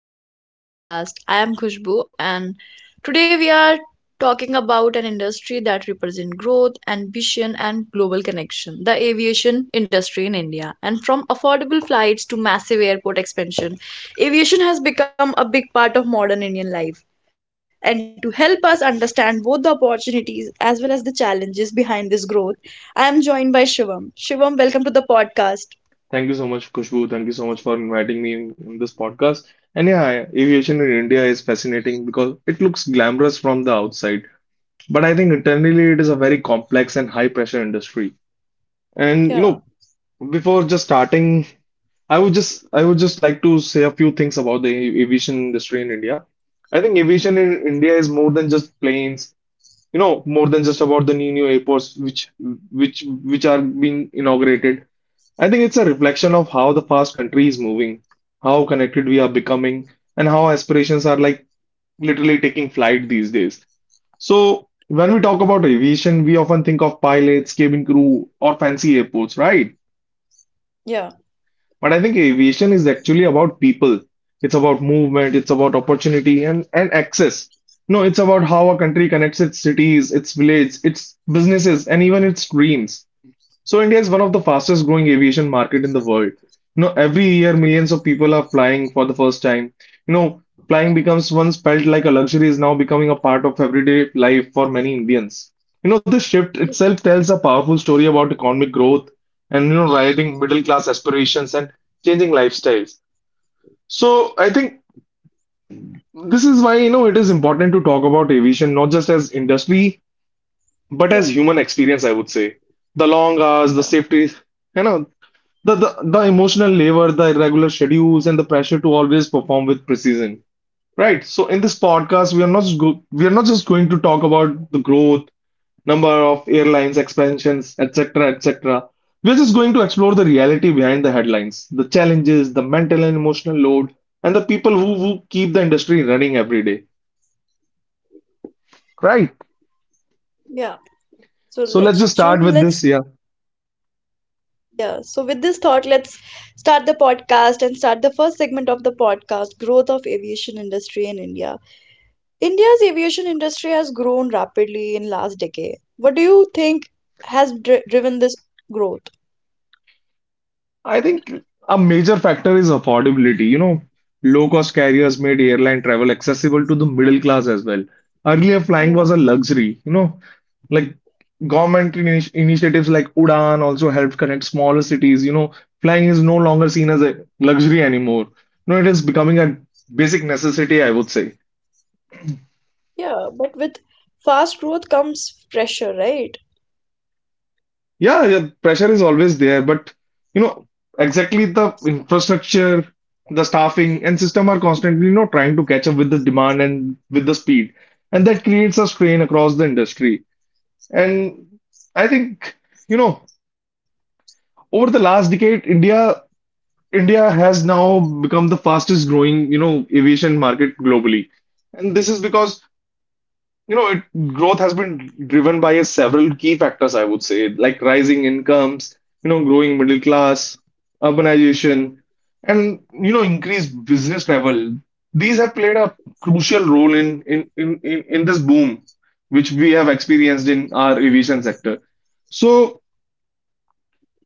welcome back to the podcast. I am Khushbu, and today we are talking about an industry that represents growth, ambition, and global connection, the aviation industry in India. And from affordable flights to massive airport expansion, aviation has become a big part of modern Indian life. And to help us understand both the opportunities as well as the challenges behind this growth, I am joined by Shivam. Shivam, welcome to the podcast. Thank you so much, Kushbu. Thank you so much for inviting me in this podcast. And yeah, aviation in India is fascinating because it looks glamorous from the outside, but I think internally it is a very complex and high pressure industry. And you know, Yeah, before just starting, I would just like to say a few things about the aviation industry in India. I think aviation in India is more than just planes, you know, more than just about the new airports which are being inaugurated. I think it's a reflection of how the fast country is moving, how connected we are becoming, and how aspirations are like literally taking flight these days. So when we talk about aviation, we often think of pilots, cabin crew, or fancy airports, right? yeah, But I think aviation is actually about people. It's about movement, it's about opportunity and access. No, it's about how a country connects its cities, its village, its businesses, and even its dreams. So India is one of the fastest growing aviation market in the world. You know, every year millions of people are flying for the first time. You know, flying becomes once felt like a luxury is now becoming a part of everyday life for many Indians. You know, this shift itself tells a powerful story about economic growth and you know, rising middle class aspirations and changing lifestyles. So I think this is why you know it is important to talk about aviation not just as industry but as human yeah, experience, I would say. The long hours, the safety, yeah. you know the, the emotional labor, the irregular schedules, and the pressure to always perform with precision. Right. So in this podcast, we are not just going to talk about the growth, number of airlines, expansions, etc., etc. We're just going to explore the reality behind the headlines, the challenges, the mental and emotional load, and the people who keep the industry running every day. Right. Yeah. So let's just So start let's with Shivam, this. Yeah. let's Yeah. So with this thought, let's start the podcast and start the first segment of the podcast, growth of aviation industry in India. India's aviation industry has grown rapidly in last decade. What do you think has driven this growth? I think a major factor is affordability. You know, low-cost carriers made airline travel accessible to the middle class as well. Earlier, flying was a Yeah. luxury. You know, like government initiatives like Udan also helped connect smaller cities. You know, flying is no longer seen as a luxury anymore. You know, it is becoming a basic necessity, I would say. Yeah, but with fast growth comes pressure, right? Yeah, pressure is always there, but you know, exactly the infrastructure, the staffing, and system are constantly, you know, trying to catch up with the demand and with the speed. And that creates a strain across the industry. And I think, you know, over the last decade, India has now become the fastest growing, you know, aviation market globally. And this is because you know, it, growth has been driven by a several key factors, I would say, like rising incomes, you know, growing middle class, urbanization, and you know, increased business travel. These have played a crucial role in this boom, which we have experienced in our aviation sector. So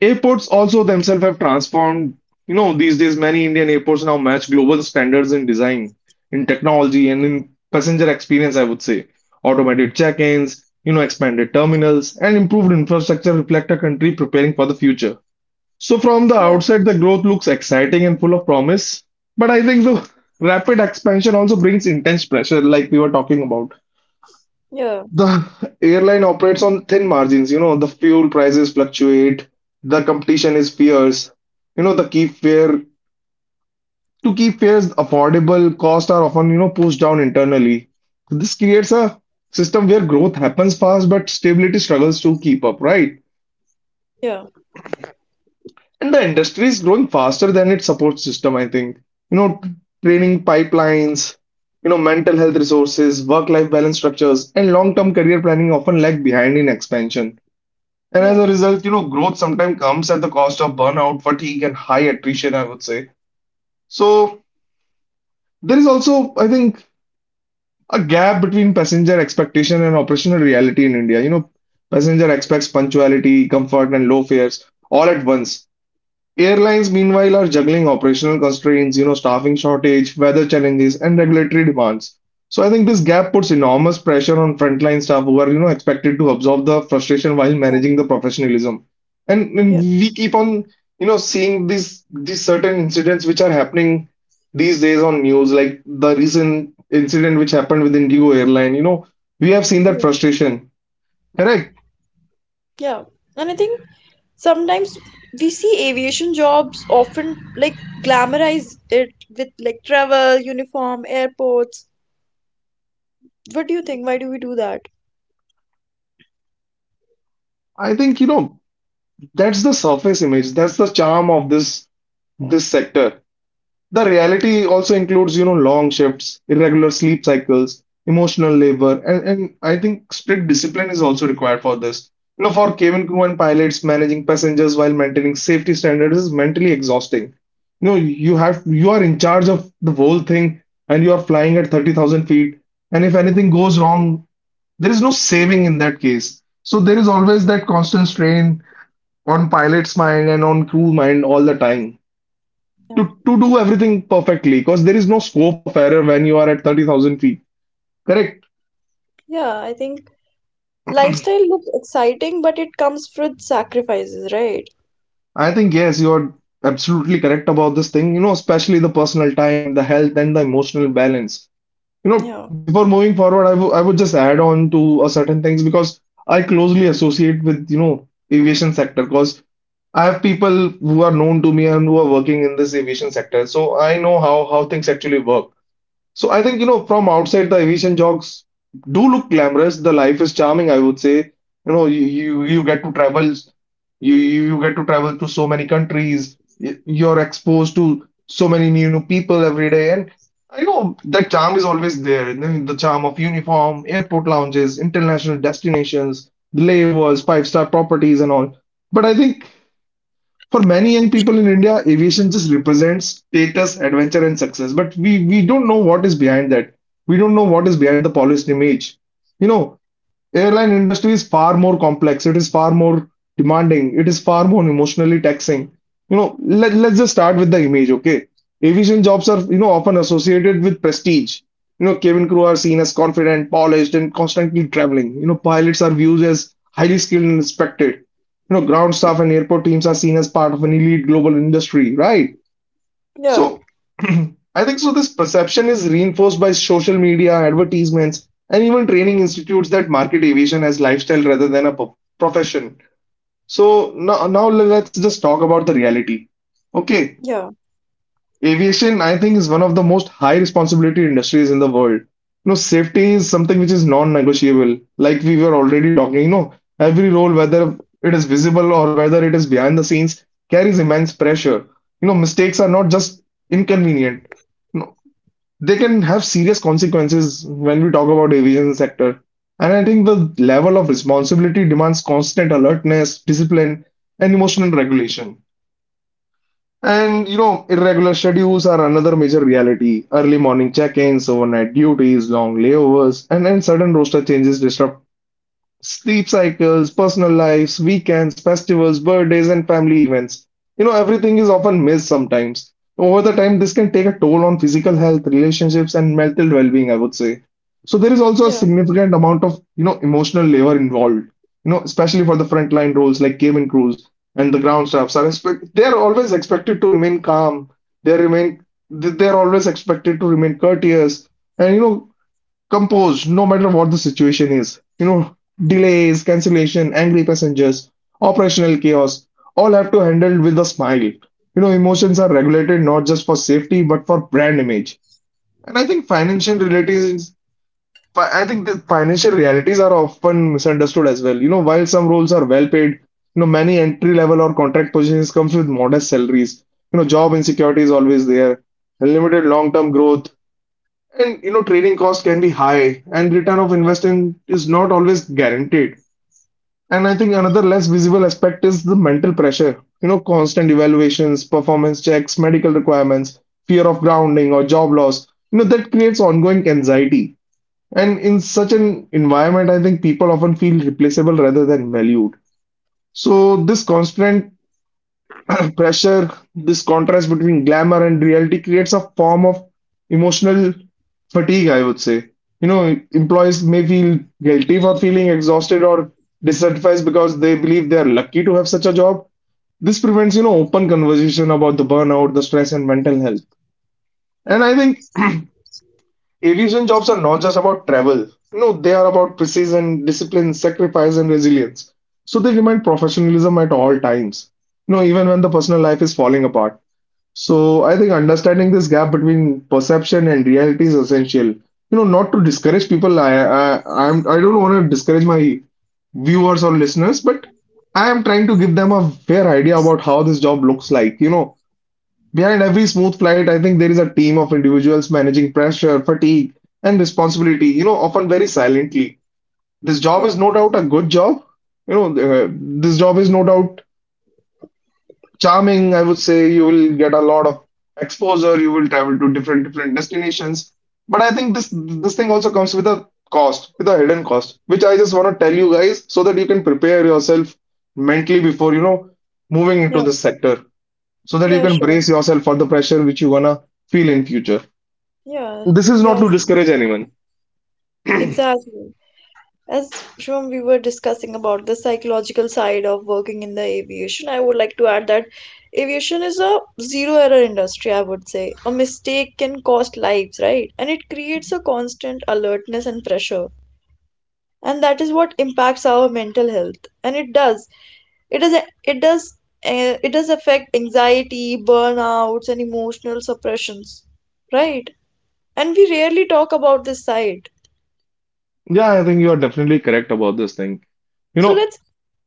airports also themselves have transformed. You know, these days many Indian airports now match global standards in design, in technology, and in passenger experience, I would say. Automated check-ins, you know, expanded terminals, and improved infrastructure reflect a country preparing for the future. So from the Yeah. outside, the growth looks exciting and full of promise. But I think the rapid expansion also brings intense pressure, like we were talking about. Yeah. The airline operates on thin margins. You know, the fuel prices fluctuate, the competition is fierce. You know, the keep fare to keep fares affordable, costs are often, you know, pushed down internally. This creates a system where growth happens fast, but stability struggles to keep up, right? Yeah. And the industry is growing faster than its support system, I think. You know, training pipelines, you know, mental health resources, work-life balance structures, and long-term career planning often lag behind in expansion. And as Yeah. a result, you know, growth sometimes comes at the cost of burnout, fatigue, and high attrition, I would say. So there is also, I think, a gap between passenger expectation and operational reality in India. You know, passenger expects punctuality, comfort, and low fares all at once. Airlines, meanwhile, are juggling operational constraints, you know, staffing shortage, weather challenges, and regulatory demands. So I think this gap puts enormous pressure on frontline staff who are, you know, expected to absorb the frustration while Yeah. managing the professionalism. And Yeah. we keep on, you know, seeing these certain incidents which are happening these days on news, like the recent incident which happened with Indigo Airline. You know, we have seen that Yeah. frustration. Correct. Yeah. And I think sometimes we see aviation jobs often like glamorize it with like travel, uniform, airports. What do you think? Why do we do that? I think, you know, that's the surface image. That's the charm of this sector. The reality also includes, you know, long shifts, irregular sleep cycles, emotional labor, and I think strict discipline is also required for this. You know, for cabin crew and pilots, managing passengers while maintaining safety standards is mentally exhausting. You know, you are in charge of the whole thing and you are flying at 30,000 feet, and if anything goes wrong, there is no saving in that case. So there is always that constant strain on pilot's mind and on crew mind all the time Yeah. to do everything perfectly because there is no scope of error when you are at 30,000 feet. Correct. Yeah, I think lifestyle looks exciting, but it comes with sacrifices, right? I think, yes, you're absolutely correct about this thing, you know, especially the personal time, the health, and the emotional balance. You know, Yeah. before moving forward, I would just add on to a certain things because I closely associate with, you know, aviation sector because I have people who are known to me and who are working in this aviation sector. So I know how things actually work. So I think, you know, from outside, the aviation jobs do look glamorous. The life is charming, I would say. You know, you get to travel, you get to travel to so many countries. You're exposed to so many new people every day, and I know that charm is always there. You know, the charm of uniform, airport lounges, international destinations, the layovers, five-star properties, and all. But I think, for many young people in India, aviation just represents status, adventure, and success. But we don't know what is behind that. We don't know what is behind the polished image. You know, airline industry is far more complex. It is far more demanding. It is far more emotionally taxing. You know, let's just start with the image, okay? Aviation jobs are, you know, often associated with prestige. You know, cabin crew are seen as confident, polished, and constantly traveling. You know, pilots are viewed as highly skilled and respected. You know, ground staff and airport teams are seen as part of an elite global industry, right? Yeah. So I think so this perception is reinforced by social media, advertisements, and even training institutes that market aviation as lifestyle rather than a profession. So now let's just talk about the reality. Okay, Yeah. aviation, I think, is one of the most high responsibility industries in the world. You know, safety is something which is non-negotiable. Like we were already talking, you know, every role, whether it is visible or whether it is behind the scenes, carries immense pressure. You know, mistakes are not just inconvenient. You know, they can have serious consequences when we talk about aviation sector. And I think the level of responsibility demands constant alertness, discipline, and emotional regulation. And you know, irregular schedules are another major reality. Early morning check-ins, overnight duties, long layovers, and then sudden roster changes disrupt sleep cycles, personal lives, weekends, festivals, birthdays, and family events. You know, everything is often missed sometimes. Over the time, this can take a toll on physical health, relationships, and mental well-being, I would say. So there is also a Yeah. significant amount of, you know, emotional labor involved. You know, especially for the frontline roles like cabin crews and the ground staffs are expect they are always expected to remain calm. They are always expected to remain courteous and you know composed no matter what the situation is. You know, delays, cancellation, angry passengers, operational chaos, all have to handle with a smile. You know, emotions are regulated not just for safety but for brand image. And I think I think the financial realities are often misunderstood as well. You know, while some roles are well paid, you know, many entry level or contract positions comes with modest salaries. You know, job insecurity is always there. Limited long term growth, and you know, training costs can be high, and return of investment is not always guaranteed. And I think another less visible aspect is the mental pressure. You know, constant evaluations, performance checks, medical requirements, fear of grounding or job loss. You know, that creates ongoing anxiety. And in such an environment, I think people often feel replaceable rather than valued. So this constant pressure, this contrast between glamour and reality creates a form of emotional fatigue, I would say. You know, employees may feel guilty for feeling exhausted or dissatisfied because they believe they are lucky to have such a job. This prevents, you know, open conversation about the burnout, the stress, and mental health. And Yeah. I think aviation jobs are not just about travel. You know, they are about precision, discipline, sacrifice, and resilience. So they demand professionalism at all times. You know, even when the personal life is falling apart. So I think understanding this gap between perception and reality is essential. You know, not to discourage people. I don't want to discourage my viewers or listeners, but I am trying to give them a fair idea about how this job looks like. You know, behind every smooth flight, I think there is a team of individuals managing pressure, fatigue, and responsibility. You know, often very silently. This job Yeah. is no doubt a good job. You know, this job is no doubt charming, I would say you will get a lot of exposure. You will travel to different different destinations. But I think this thing also comes with a cost, with a hidden cost, which I just want to tell you guys so that you can prepare yourself mentally before you know moving Yeah. into this sector, so that you Yeah, can sure. brace yourself for the pressure which you're gonna feel in future. Yeah. This is not Yeah, to sure. discourage anyone. Exactly. As Shubham, we were discussing about the psychological side of working in the aviation, I would like to add that aviation is a zero error industry, I would say. A mistake can cost lives, right? And it creates a constant alertness and pressure. And that is what impacts our mental health. And it does. It does it does it does affect anxiety, burnouts, and emotional suppressions, right? And we rarely talk about this side. Yeah, I think you are definitely correct about this thing. You So know. let's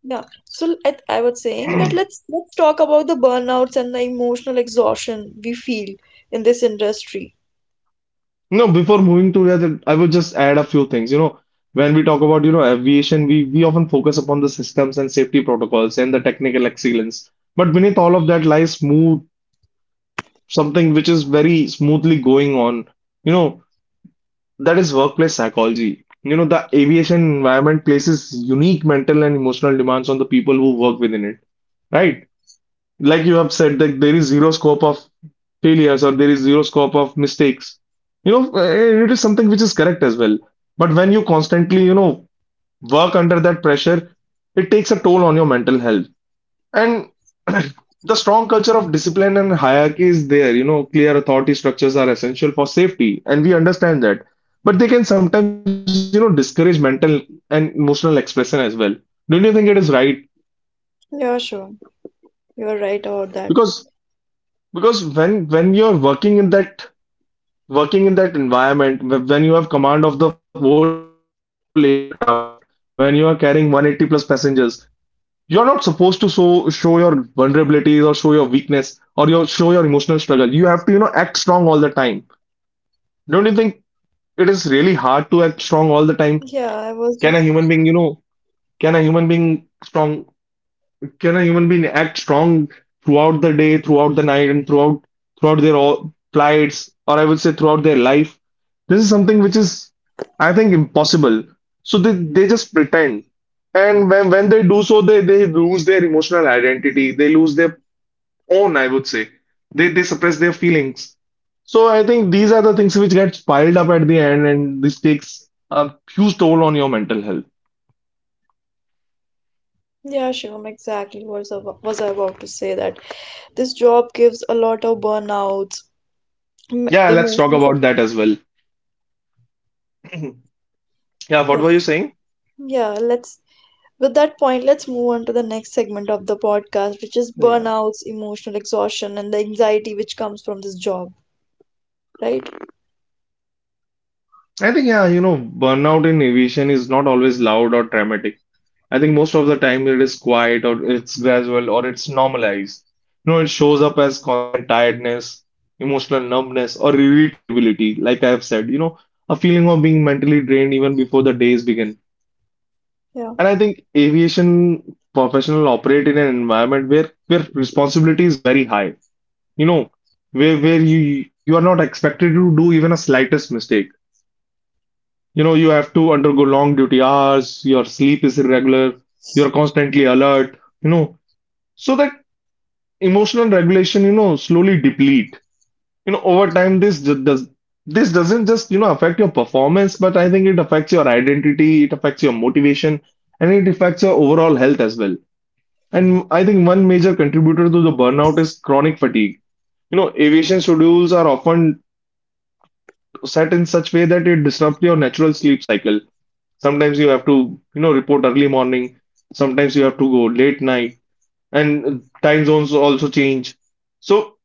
Yeah. So I was saying that let's talk about the burnouts and the emotional exhaustion we feel in this industry. No, before moving to that, I would just add a few things. You know, when we talk about, you know, aviation, we often focus upon the systems and safety protocols and the technical excellence. But beneath all of that lies smooth something which is very smoothly going on. You know, that is workplace psychology. You know, the aviation environment places unique mental and emotional demands on the people who work within it, right? Like you have said that there is zero scope of failures or there is zero scope of mistakes. You know, it is something which is correct as well, but when you constantly, you know, work under that pressure, it takes a toll on your mental health. And the strong culture of discipline and hierarchy is there. You know, clear authority structures are essential for safety, and we understand that, but they can sometimes, you know, discourage mental and emotional expression as well. Don't you think it is right? Yeah, sure. You're right about that. because because when you're working in that, working in that environment, when you have command of the whole aircraft, when you are carrying 180 plus passengers, you're not supposed to show your vulnerabilities or show your weakness or your show your emotional struggle. You have to, you know, act strong all the time. Don't you think it is really hard to act strong all the time? Yeah, Can a I human was being, just you know, can a human being strong, can a human being act strong throughout the day, throughout the night, and throughout their all plights, or I would say throughout their life? This is something which is, I think, impossible. So they just pretend. And when they do so, they lose their emotional identity. They lose their own, I would say. They suppress their feelings. So I think these are the things which gets piled up at the end, and this takes a huge toll on your mental health. yeah, sure. Exactly. Was I about to say that this job gives a lot of burnouts, Yeah, let's talk emotional about that as well. Yeah, what were you focus. saying? Yeah, let's with that point, let's move on to the next segment of the podcast, which is Yeah. burnouts, emotional exhaustion, and the anxiety which comes from this job, right? I think, yeah, you know, burnout in aviation is not always loud or dramatic. I think most of the time it is quiet or it's gradual or it's normalized. You know, it shows up as constant tiredness, emotional numbness, or irritability, like I have said, you know, a feeling of being mentally drained even before the days begin. Yeah. And I think aviation professionals operate in an environment where responsibility is very high. You know, where you are not expected to do even a slightest mistake. You know, you have to undergo long duty hours, your sleep is irregular, you're constantly alert, you know, so that emotional regulation, you know, slowly deplete. You know, over time, does this doesn't just, you know, affect your performance, but I think it affects your identity, it affects your motivation, and it affects your overall health as well. And I think one major contributor to the burnout is chronic fatigue. You know, aviation schedules are often set in such way that it disrupts your natural sleep cycle. Sometimes you have to, you know, report early morning. Sometimes you have to go late night, and time zones also change. So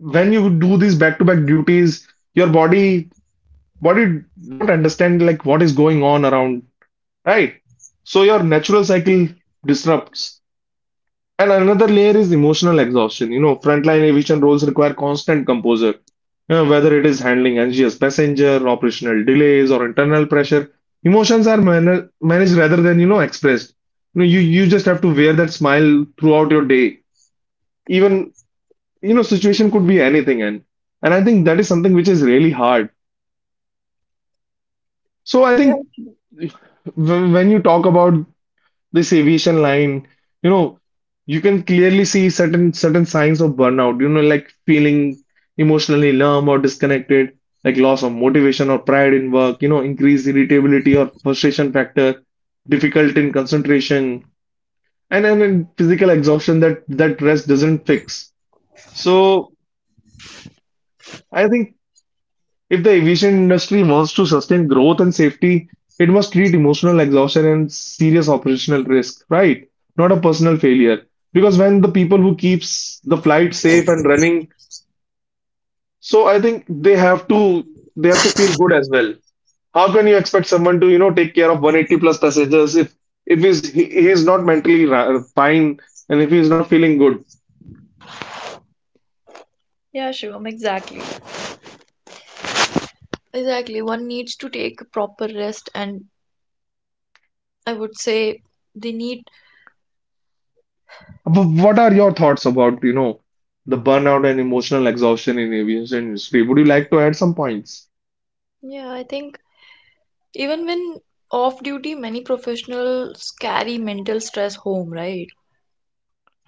when you do these back-to-back duties, your body don't understand like what is going on around, right? So your natural cycle disrupts. And another layer is emotional exhaustion. You know, frontline aviation roles require constant composure. You know, whether it is handling anxious passenger, operational delays, or internal pressure, emotions are managed rather than, you know, expressed. You know, you just have to wear that smile throughout your day. Even, you know, situation could be anything. And I think that is something which is really hard. So I Yeah. think when you talk about this aviation line, you know, you can clearly see certain signs of burnout, you know, like feeling emotionally numb or disconnected, like loss of motivation or pride in work, you know, increased irritability or frustration factor, difficult in concentration, and then physical exhaustion that that rest doesn't fix. So I think if the aviation industry wants to sustain growth and safety, it must treat emotional exhaustion and serious operational risk, right? Not a personal failure. Because when the people who keeps the flight safe and running, so I think they have to feel good as well. How can you expect someone to, you know, take care of 180 plus passengers if he is not mentally fine and if he's not feeling good? Yeah, Shivam, exactly. Exactly. One needs to take a proper rest, and I would say they need, But what are your thoughts about, you know, the burnout and emotional exhaustion in aviation industry? Would you like to add some points? yeah, I think even when off duty, many professionals carry mental stress home, right?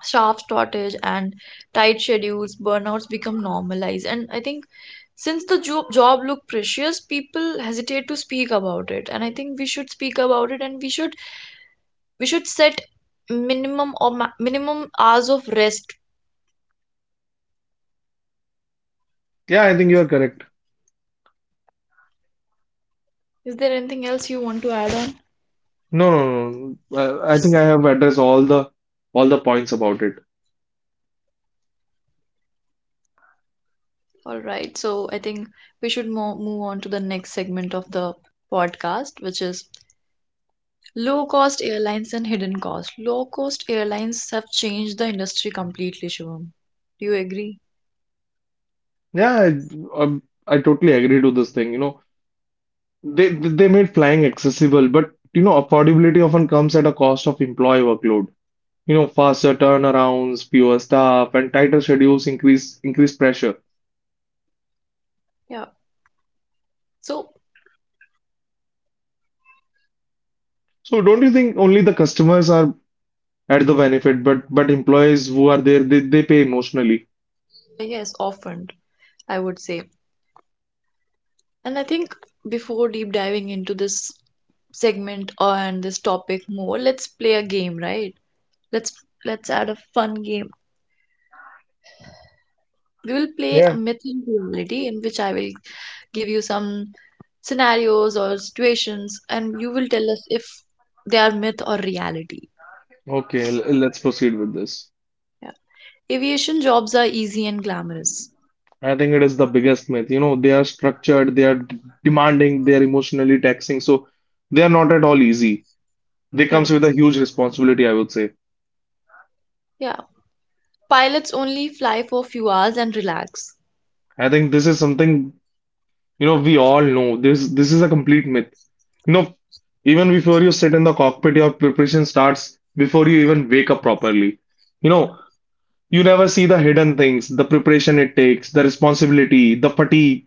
Staff shortage and tight schedules, burnouts become normalized. And I think since the job look precious, people hesitate to speak about it. And I think we should speak about it, and we should set minimum minimum hours of rest. Yeah, I think you are correct. Is there anything else you want to add on? No, no, no. I think I have addressed all the points about it. All right. So I think we should mo move on to the next segment of the podcast, which is low cost airlines and hidden cost. Low cost airlines have changed the industry completely, Shivam. Do you agree? Yeah, I totally agree to this thing. You know, they made flying accessible, but you know, affordability often comes at a cost of employee workload. You know, faster turnarounds, fewer staff, and tighter schedules increase pressure. Yeah. So, So don't you think only the customers are at the benefit, but employees who are there, they pay emotionally. yes, often, I would say. And I think before deep diving into this segment and this topic more, let's play a game, right? Let's let's add a fun game. We will play a Yeah. myth and reality, in which I will give you some scenarios or situations and you will tell us if they are myth or reality. Okay, let's proceed with this. Yeah. Aviation jobs are easy and glamorous. I think it is the biggest myth. You know, they are structured, they are demanding, they are emotionally taxing, so they are not at all easy. They Yeah. comes with a huge responsibility, I would say. Yeah. Pilots only fly for a few hours and relax. I think this is something, you know, we all know. This is a complete myth. You know, even before you sit in the cockpit, your preparation starts before you even wake up properly. You know, you never see the hidden things, the preparation it takes, the responsibility, the fatigue.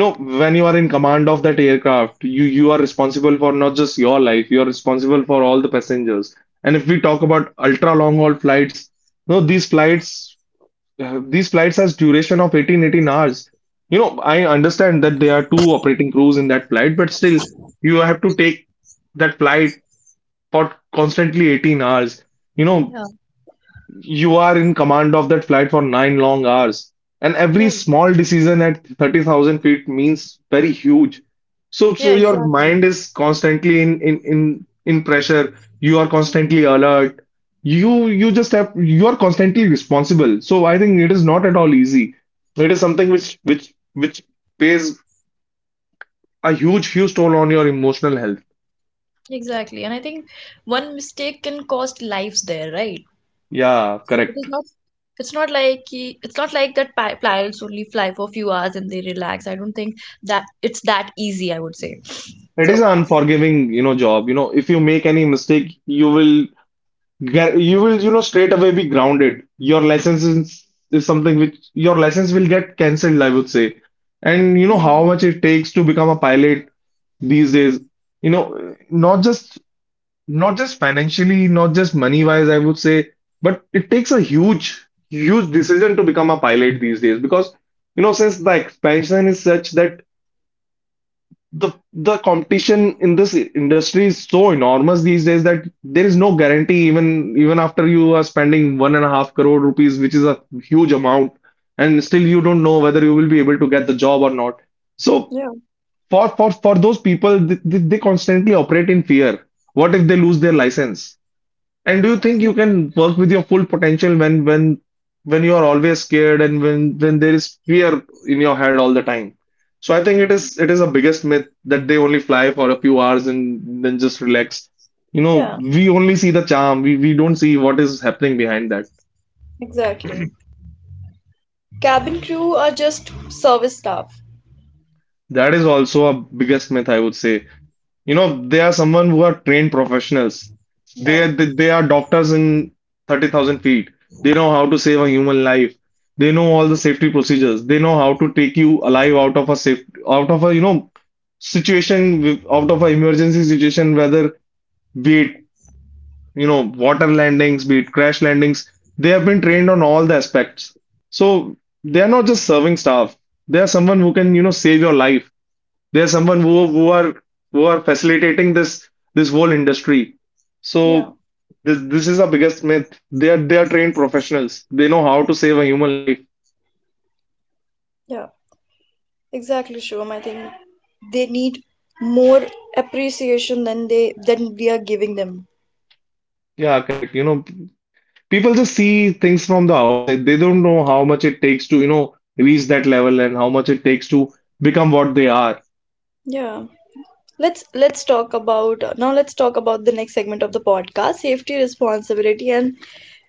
No, when you are in command of that aircraft, you are responsible for not just your life, you are responsible for all the passengers. And if we talk about ultra long haul flights, no, these flights has duration of 18 hours. You know, I understand that there are 2 operating crews in that flight, but still you have to take that flight for constantly 18 hours. You know, Yeah. you are in command of that flight for 9 long hours. And Yeah. every small decision at 30,000 feet means very huge. So, Yeah, so your exactly. mind is constantly in pressure. You are constantly alert. You are constantly responsible. So I think it is not at all easy. It is something which pays a huge, huge toll on your emotional health. Exactly. And I think one mistake can cost lives there, right? Yeah, So it is correct. not. It's not like that pilots only fly for a few hours and they relax. I don't think that it's that easy, I would say. It is So an unforgiving, you know, job. You know, if you make any mistake, you will you will, you know, straight away be grounded. Your is something which your license will get cancelled, I would say. And you know yeah, how much it takes to become a pilot these days. You know, not just financially, not just money wise, I would say, but it takes a huge decision to become a pilot these days because you know, since the expansion is such that the competition in this industry is so enormous these days that there is no guarantee even after you are spending one and a half crore rupees, which is a huge amount, and still you don't know whether you will be able to get the job or not. So yeah, for those people, they constantly operate in fear. What if they lose their license? And do you think yeah, you can work with your full potential when you are always scared and when there is fear in your head all the time? So I think it is a biggest myth that they only fly for a few hours and then just relax. You know, yeah, we only see the charm. We don't see what is happening behind that. exactly. Cabin crew are just service staff. That is also a biggest myth, I would say. You know, they are someone who are trained professionals. Yeah, They are doctors in 30,000 feet. They know how to save a human life. They know all the safety procedures. They know how to take you alive out of a safe out of a you know situation out of an emergency situation, whether be it you know water landings, be it crash landings. They have been trained on all the aspects. So they are not just serving staff. They are someone who can you know save your life. There's someone who are who are facilitating this whole industry. yeah, So this is a biggest myth. They are trained professionals. They know how to save a human life. yeah, exactly, Shubham. I think they need more appreciation than they, than we are giving them. Yeah, correct. You know, people just see things from the outside. They don't know how much it takes to, you know, reach that level and how much it takes to become what they are. Yeah. Let's talk about Now let's talk about the next segment of the podcast: safety, responsibility, and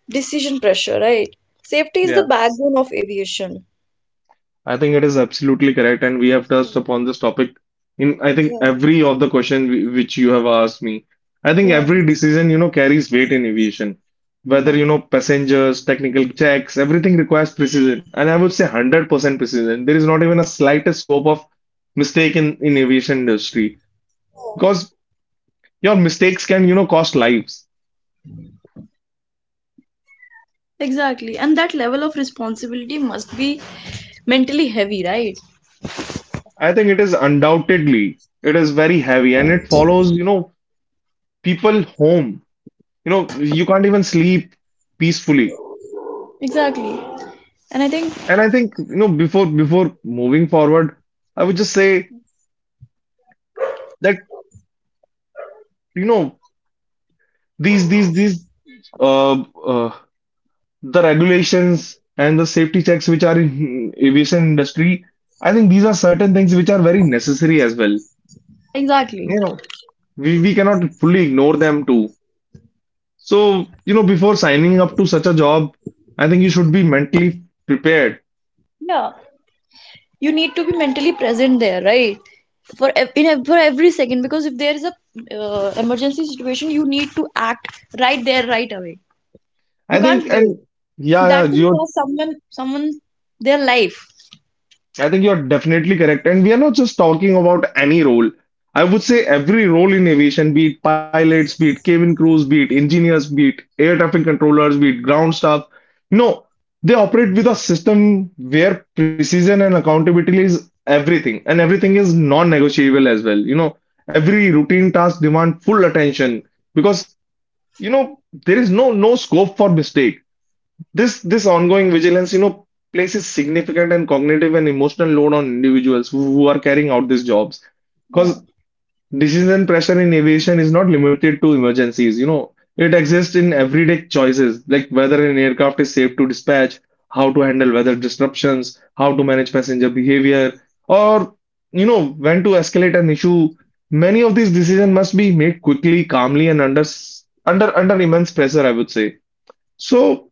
decision pressure, right? Safety is the backbone of aviation. I think it is absolutely correct, and we have Yeah. touched upon this topic in I think Yeah, every of the question which you have asked me. I think yeah. every decision, you know, carries weight in aviation. Yeah. Whether, you know, passengers, technical checks, everything requires precision. And I would say 100% precision. There is not even a slightest scope of mistake in aviation industry because your mistakes can, you know, cost lives. Exactly. And that level of responsibility must be mentally heavy, right? I think it is undoubtedly, it is very heavy and it follows, you know, people home, you know you can't even sleep peacefully. Exactly. And I think, And I think you know before moving forward I would just say that you know these uh, uh the regulations and the safety checks which are in aviation industry, I think these are certain things which are very necessary as well. exactly. You know we cannot fully ignore them too. So you know, before signing up to such a job, I think you should be mentally prepared. Yeah. You need to be mentally present there, right? for ev- in ev- For every second, because if there is a emergency situation, you need to act right there, right away. I You can't think and wait. yeah That can your cost someone their life. I think you're definitely correct. And we are not just talking about any role. I would say every role in aviation, be it pilots, be it cabin crews, be it engineers, be it air traffic controllers, be it ground staff. No, they operate with a system where precision and accountability is everything. And everything is non-negotiable as well. You know, every routine task demand full attention because, you know, there is no scope for mistake. This ongoing vigilance, you know, places significant and cognitive and emotional load on individuals who are carrying out these jobs. Yeah, Because decision pressure in aviation is not limited to emergencies, you know, it exists in everyday choices like whether an aircraft is safe to dispatch, how to handle weather disruptions, how to manage passenger behavior, or you know, when to escalate an issue. Many of these decisions must be made quickly, calmly, and under under immense pressure, I would say. So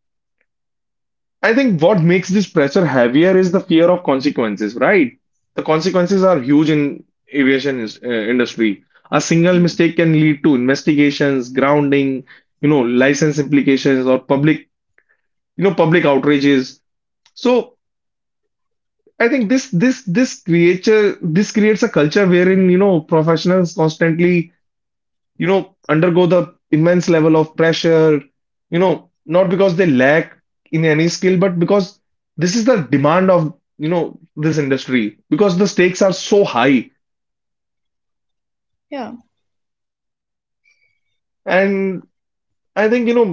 I think what makes this pressure heavier is the fear of consequences, right? The consequences are huge in aviation industry. A single yeah, mistake can lead to investigations, grounding, you know, license implications or public, you know, public outrages. So I think this creates a culture wherein, you know, professionals constantly you know, undergo the immense level of pressure, you know, not because they lack in any skill, but because this is the demand of, you know, this industry, because the stakes are so high. yeah. And I think, you know,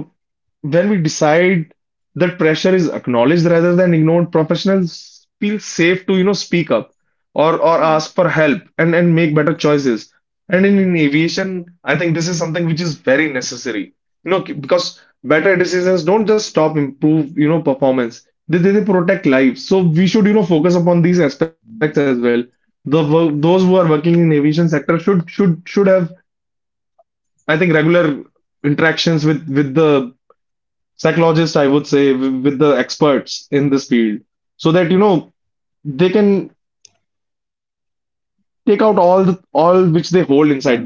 when we decide that pressure is acknowledged rather than ignored, professionals feel safe to, you know, speak up or Mm. ask for help and make better choices. And in aviation, I think this is something which is very necessary. You know, because better decisions don't just stop improve, you know, performance. They protect lives. So we should, you know, focus upon these aspects as well. Those who are working in aviation sector should have, I think, regular interactions with the psychologist, I would say, with the experts in this field, so that you know they can take out all the all which they hold inside them. Yeah,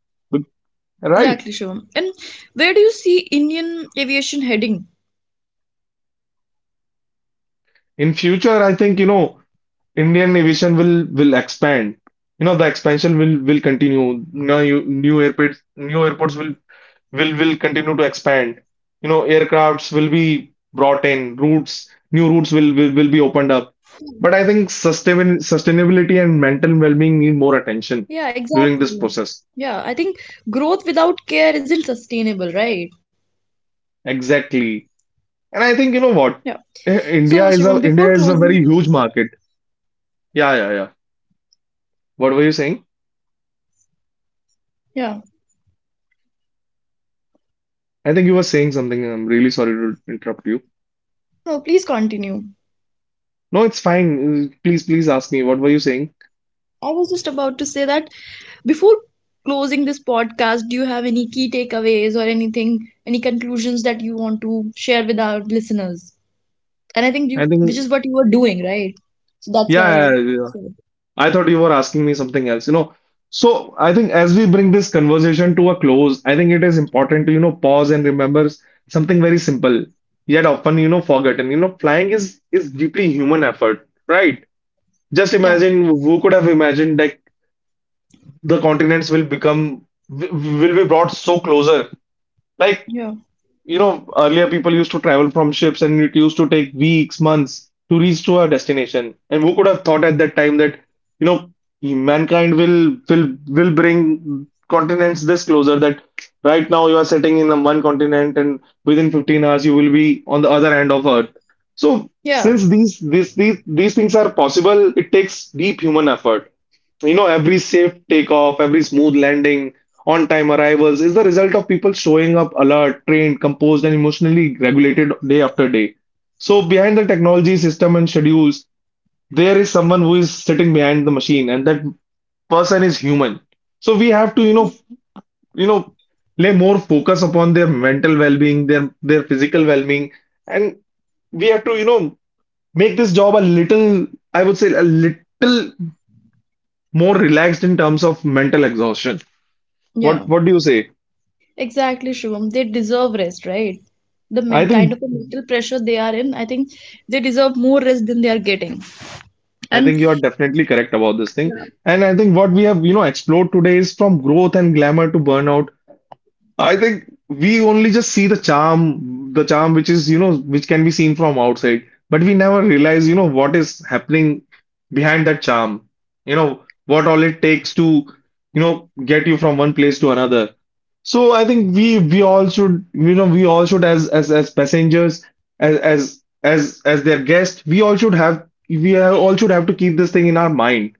But- Right. exactly, Shivam. And where do you see Indian aviation heading? In future, I think you know Indian aviation will expand. You know the expansion will continue. Now you, new airports will continue to expand. You know, aircrafts will be brought in, routes, new routes will be opened up. But I think sustainability and mental well-being need more attention Yeah, during this exactly. process. Yeah, I think growth without care isn't sustainable, right? Exactly. And Yeah. I think you know what? So Shivam, before closing... India is a very huge market. Yeah, yeah, yeah. What were you saying? Yeah. I think you were saying something. I'm really sorry to interrupt you. No, please continue. No, it's fine. Please, please ask me. What were you saying? I was just about to say that before closing this podcast, do you have any key takeaways or anything, any conclusions that you want to share with our listeners? And I think I you, which think is what you were doing, right? So that's why yeah, yeah, I yeah. said, I thought you were asking me something else, you know. So I think as we bring this conversation to a close, I think it is important to, you know, pause and remember something very simple, yet often, you know, forgotten. You know, flying is deeply human effort, right? Just yeah, imagine who could have imagined that the continents will become will be brought so closer. Like yeah, you know, earlier people used to travel from ships and it used to take weeks, months to reach to our destination. And who could have thought at that time that, you know, mankind will bring continents this closer, that right now you are sitting in the one continent and within 15 hours you will be on the other end of Earth. So yeah, since these things are possible, it takes deep human effort. You know, every safe takeoff, every smooth landing, on time arrivals is the result of people showing up alert, trained, composed, and emotionally regulated day after day. So, behind the technology system and schedules, there is someone who is sitting behind the machine, and that person is human. So, we have to, you know, lay more focus upon their mental well-being, their physical well-being, and we have to, you know, make this job a little, I would say, a little more relaxed in terms of mental exhaustion. Yeah, What do you say? exactly, Shivam. They deserve rest, right? The men I kind think of a mental pressure they are in, I think they deserve more rest than they are getting. I And think you are definitely correct about this thing. yeah, And I think what we have, you know, explored today is from growth and glamour to burnout. I think we only just see the charm which is, you know, which can be seen from outside, but we never realize, you know, what is happening behind that charm. You know, what all it takes to, you know, get you from one place to another. So I think we all should, you know, we all should as passengers, as their guests, we all should have to keep this thing in our mind.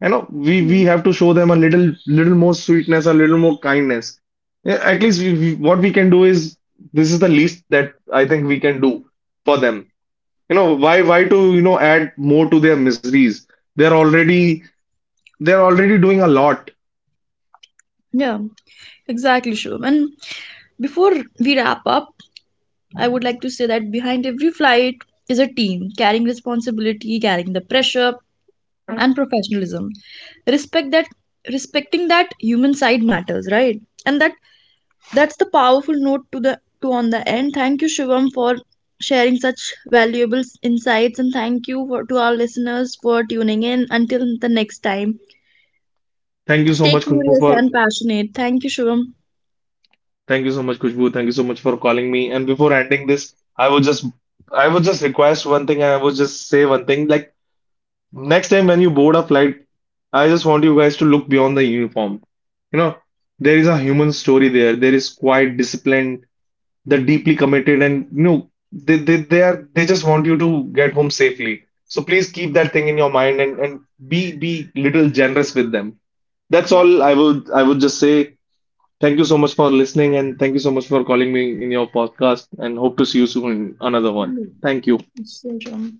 You know we yeah, we have to show them a little more sweetness, a little more kindness. Yeah, at least what we can do is this is the least that I think we can do for them. You know why to you know add more to their miseries. They're already they're already doing a lot. yeah, exactly, Shivam. And before we wrap up, I would like to say that behind every flight is a team carrying responsibility, carrying the pressure and professionalism. Respect that Respecting that human side matters, right? And that, that's the powerful note to the to on the end. Thank you, Shivam, for sharing such valuable insights, and thank you to our listeners for tuning in. Until the next time. Thank you so Stay much, Kushbu, curious for and passionate. Thank you, Shivam. Thank you so much for calling me. And before ending this, I would just I would just request one thing, and I would just say one thing, like next time when you board a flight, I just want you guys to look beyond the uniform. You know, there is a human story there. There is quite disciplined, they're deeply committed, and you know, they just want you to get home safely. So please keep that thing in your mind, and be little generous with them. That's Yeah. all I would just say. Thank you so much for listening, and thank you so much for calling me in your podcast. And hope to see you soon in another one. Mm. Thank you. Thank you, Shivam.